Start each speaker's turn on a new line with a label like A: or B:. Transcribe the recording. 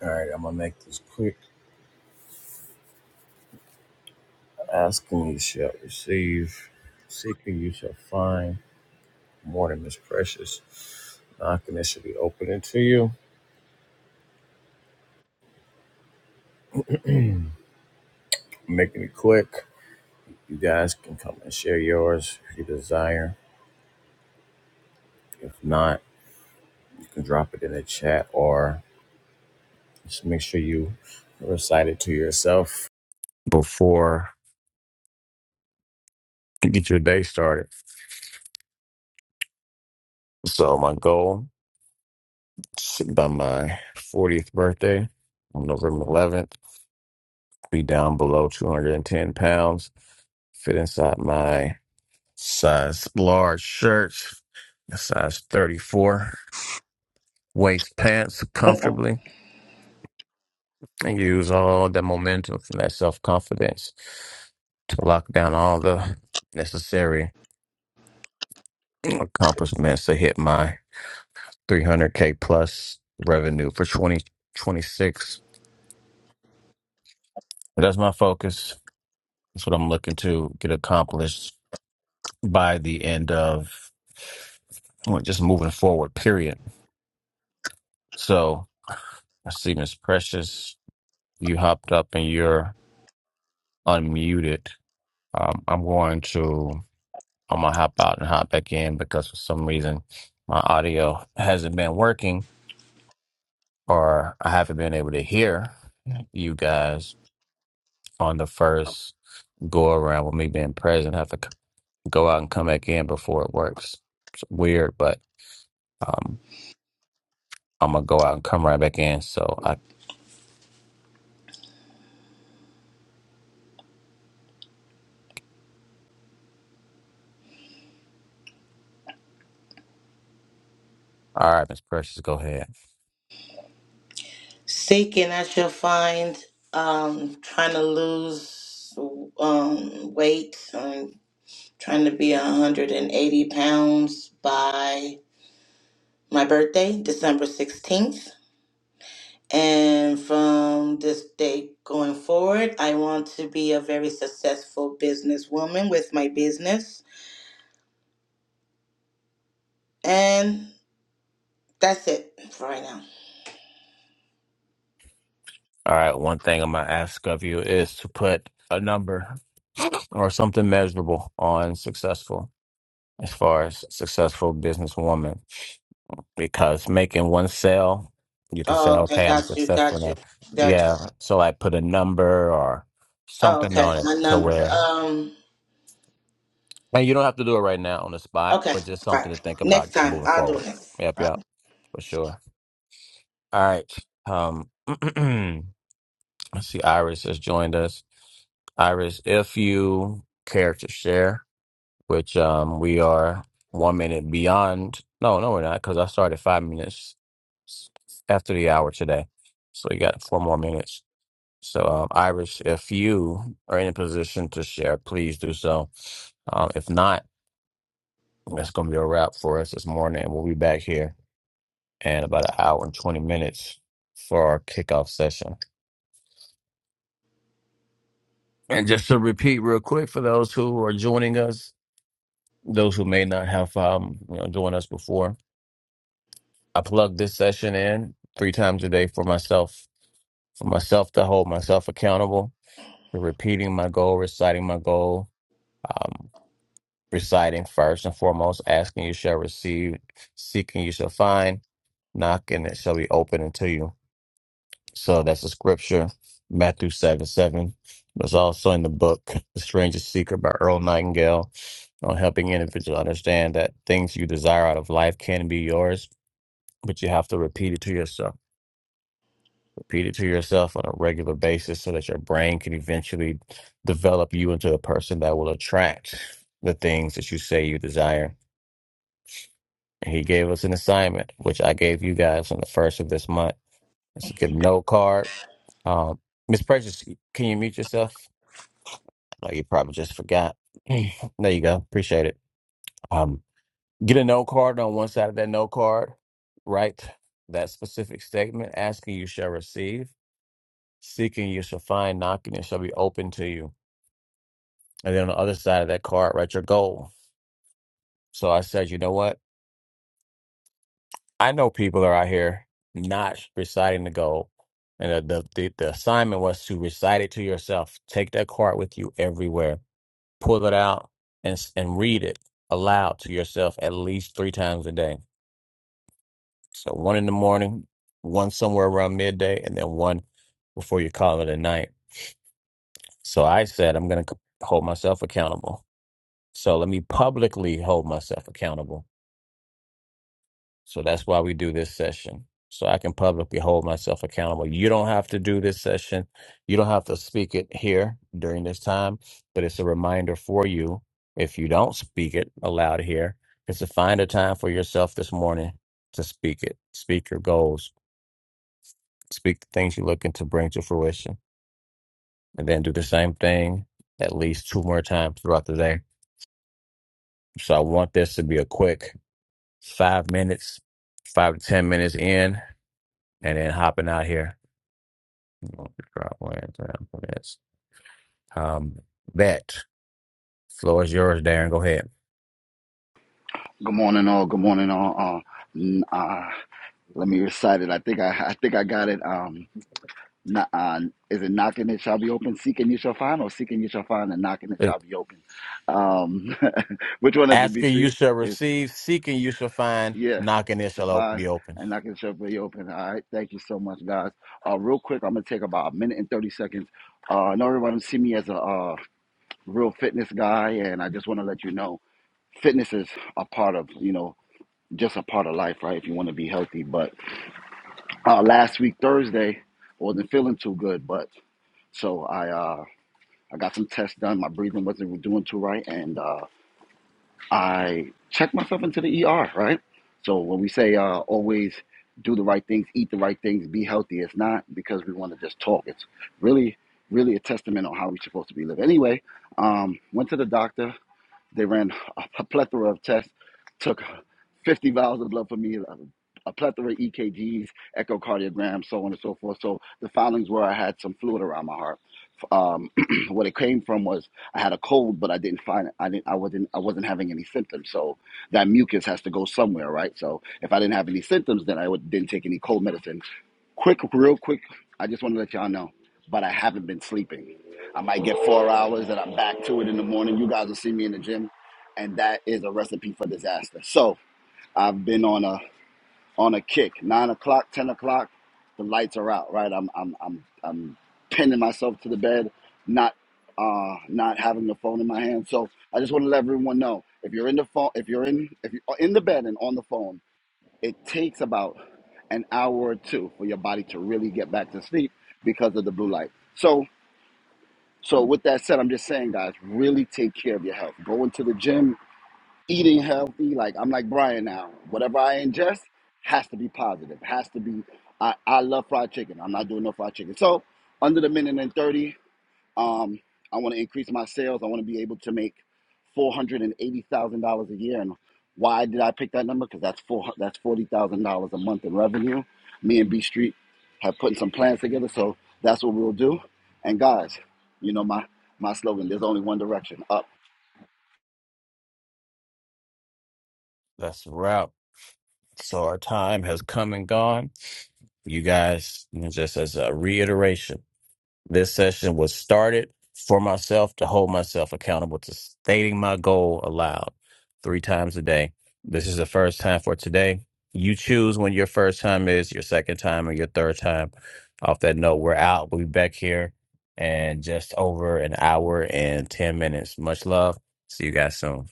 A: All right, I'm gonna make this quick. Asking you shall receive, seeking you shall find. Morning is precious. Knocking it should be opening to you. I'm making it quick. You guys can come and share yours if you desire. If not, you can drop it in the chat or just make sure you recite it to yourself before you get your day started. So my goal is by my 40th birthday on November 11th. be down below 210 pounds, fit inside my size large shirts, a size 34, waist pants comfortably, and use all the momentum from that self confidence to lock down all the necessary accomplishments to hit my 300K plus revenue for 2026. That's my focus. That's what I'm looking to get accomplished by the end of well, just moving forward, period. So I see Miss Precious, you hopped up and you're unmuted. Um, I'm going to I'm gonna hop out and hop back in because for some reason my audio hasn't been working or I haven't been able to hear you guys on the first go around with me being present. I have to c- go out and come back in before it works. It's weird, but um, I'm gonna go out and come right back in so I All right, Miss Precious, go ahead.
B: Seeking, I shall find. Um, trying to lose um, weight. I'm trying to be 180 pounds by my birthday, December 16th. And from this day going forward, I want to be a very successful businesswoman with my business. And that's it for right now.
A: All right, one thing I'm gonna ask of you is to put a number or something measurable on successful as far as successful businesswoman. Because making one sale, you can say,
B: Oh, okay,
A: okay, I'm
B: got you,
A: successful
B: got you,
A: now.
B: got you.
A: Yeah. So like put a number or
B: Oh,
A: something
B: okay,
A: on it
B: my
A: to
B: number.
A: where
B: Um.
A: and you don't have to do it right now on the spot,
B: Okay,
A: but just something
B: fine.
A: to think
B: Next
A: about just
B: time
A: moving
B: I'll do
A: forward.
B: it.
A: Yep, yep, for sure. All right. Um I see Iris has joined us. Iris, if you care to share, which um we are one minute beyond. No, no, we're not, because I started five minutes s- after the hour today. So you got four more minutes. So um, Iris, if you are in a position to share, please do so. Um, if not, that's going to be a wrap for us this morning. We'll be back here in about an hour and 20 minutes for our kickoff session. And just to repeat real quick for those who are joining us, those who may not have um, you know joined us before, I plug this session in three times a day for myself, for myself to hold myself accountable, for repeating my goal, reciting my goal, um, reciting first and foremost, asking you shall receive, seeking you shall find, knocking it shall be open unto you. So that's the scripture, Matthew 7 7. It's also in the book, The Strangest Secret by Earl Nightingale, on helping individuals understand that things you desire out of life can be yours, but you have to repeat it to yourself. Repeat it to yourself on a regular basis so that your brain can eventually develop you into a person that will attract the things that you say you desire. And he gave us an assignment, which I gave you guys on the first of this month. It's a get no card. Um, Miss Precious, can you mute yourself? Oh, you probably just forgot. there you go. Appreciate it. Um, get a no card on one side of that no card. Write that specific statement. Asking you shall receive. Seeking you shall find. Knocking it shall be open to you. And then on the other side of that card, write your goal. So I said, you know what? I know people are out here not reciting the goal. And the, the, the, the assignment was to recite it to yourself. Take that card with you everywhere pull it out and s- and read it aloud to yourself at least three times a day. So one in the morning, one somewhere around midday, and then one before you call it a night. So I said I'm going to hold myself accountable. So let me publicly hold myself accountable So that's why we do this session. So I can publicly hold myself accountable. You don't have to do this session. You don't have to speak it here during this time, but it's a reminder for you if you don't speak it aloud here, is to find a time for yourself this morning to speak it. Speak your goals. Speak the things you're looking to bring to fruition. And then do the same thing at least two more times throughout the day. So I want this to be a quick five minutes, five to ten minutes in, and then hopping out here. Well, driveway and ground Um, bet. Floor is yours, Darren. Go ahead.
C: Good morning, all. Good morning, all. Uh, n- uh, let me recite it. I think I, I think I got it. Um, kn- uh, is it knocking it shall be open, seeking you shall find, or seeking you shall find, and knocking it
A: Uh,
C: shall be open? Um, which one is it? B
A: Asking you
C: Street
A: shall
C: is
A: receive, seeking you shall find,
C: yeah,
A: knocking it
C: shall
A: shall op-
C: find
A: be open.
C: and knocking it shall be open. All right, thank you so much, guys. Uh, real quick, I'm gonna take about a minute and thirty seconds. Uh, I know everyone see me as a uh, real fitness guy, and I just want to let you know, fitness is a part of you know just a part of life, right? If you want to be healthy. But uh, last week Thursday, I wasn't feeling too good, but so I uh, I got some tests done. My breathing wasn't doing too right, and uh, I checked myself into the ER, right? So when we say uh, always do the right things, eat the right things, be healthy, it's not because we want to just talk. It's really, really a testament on how we're supposed to be living. Anyway, um, went to the doctor they ran a plethora of tests, took 50 vials of blood for me, a plethora of EKGs, echocardiograms, so on and so forth. So the findings were I had some fluid around my heart. Um, what it came from was I had a cold, but I didn't find it. I didn't. I wasn't. I wasn't having any symptoms. So that mucus has to go somewhere, right? So if I didn't have any symptoms, then I would, didn't take any cold medicine Quick, real quick, I just want to let y'all know, but I haven't been sleeping. I might get four hours and I'm back to it in the morning. You guys will see me in the gym, and that is a recipe for disaster. So I've been on a on a kick. Nine o'clock, ten o'clock, the lights are out, right? I'm I'm I'm I'm pinning myself to the bed, not uh not having the phone in my hand. So I just want to let everyone know if you're in the phone if you're in if you're in the bed and on the phone it takes about an hour or two for your body to really get back to sleep because of the blue light. So, so with that said, I'm just saying, guys, really take care of your health. Going to the gym, eating healthy. Like I'm like Brian now. Whatever I ingest has to be positive. Has to be. I, I love fried chicken. I'm not doing no fried chicken. So under the minute and 30, um, I want to increase my sales. I want to be able to make four hundred and eighty thousand dollars a year. And why did I pick that number? Because that's four that's forty thousand dollars a month in revenue. Me and B Street have put some plans together, so that's what we'll do. And guys, you know my my slogan. There's only one direction up.
A: That's a wrap. So our time has come and gone. you guys, you know, just as a reiteration, this session was started for myself to hold myself accountable to stating my goal aloud three times a day. This is the first time for today. You choose when your first time is, your second time, or your third time. Off that note, we're out. We'll be back here in just over an hour and 10 minutes. Much love. See you guys soon.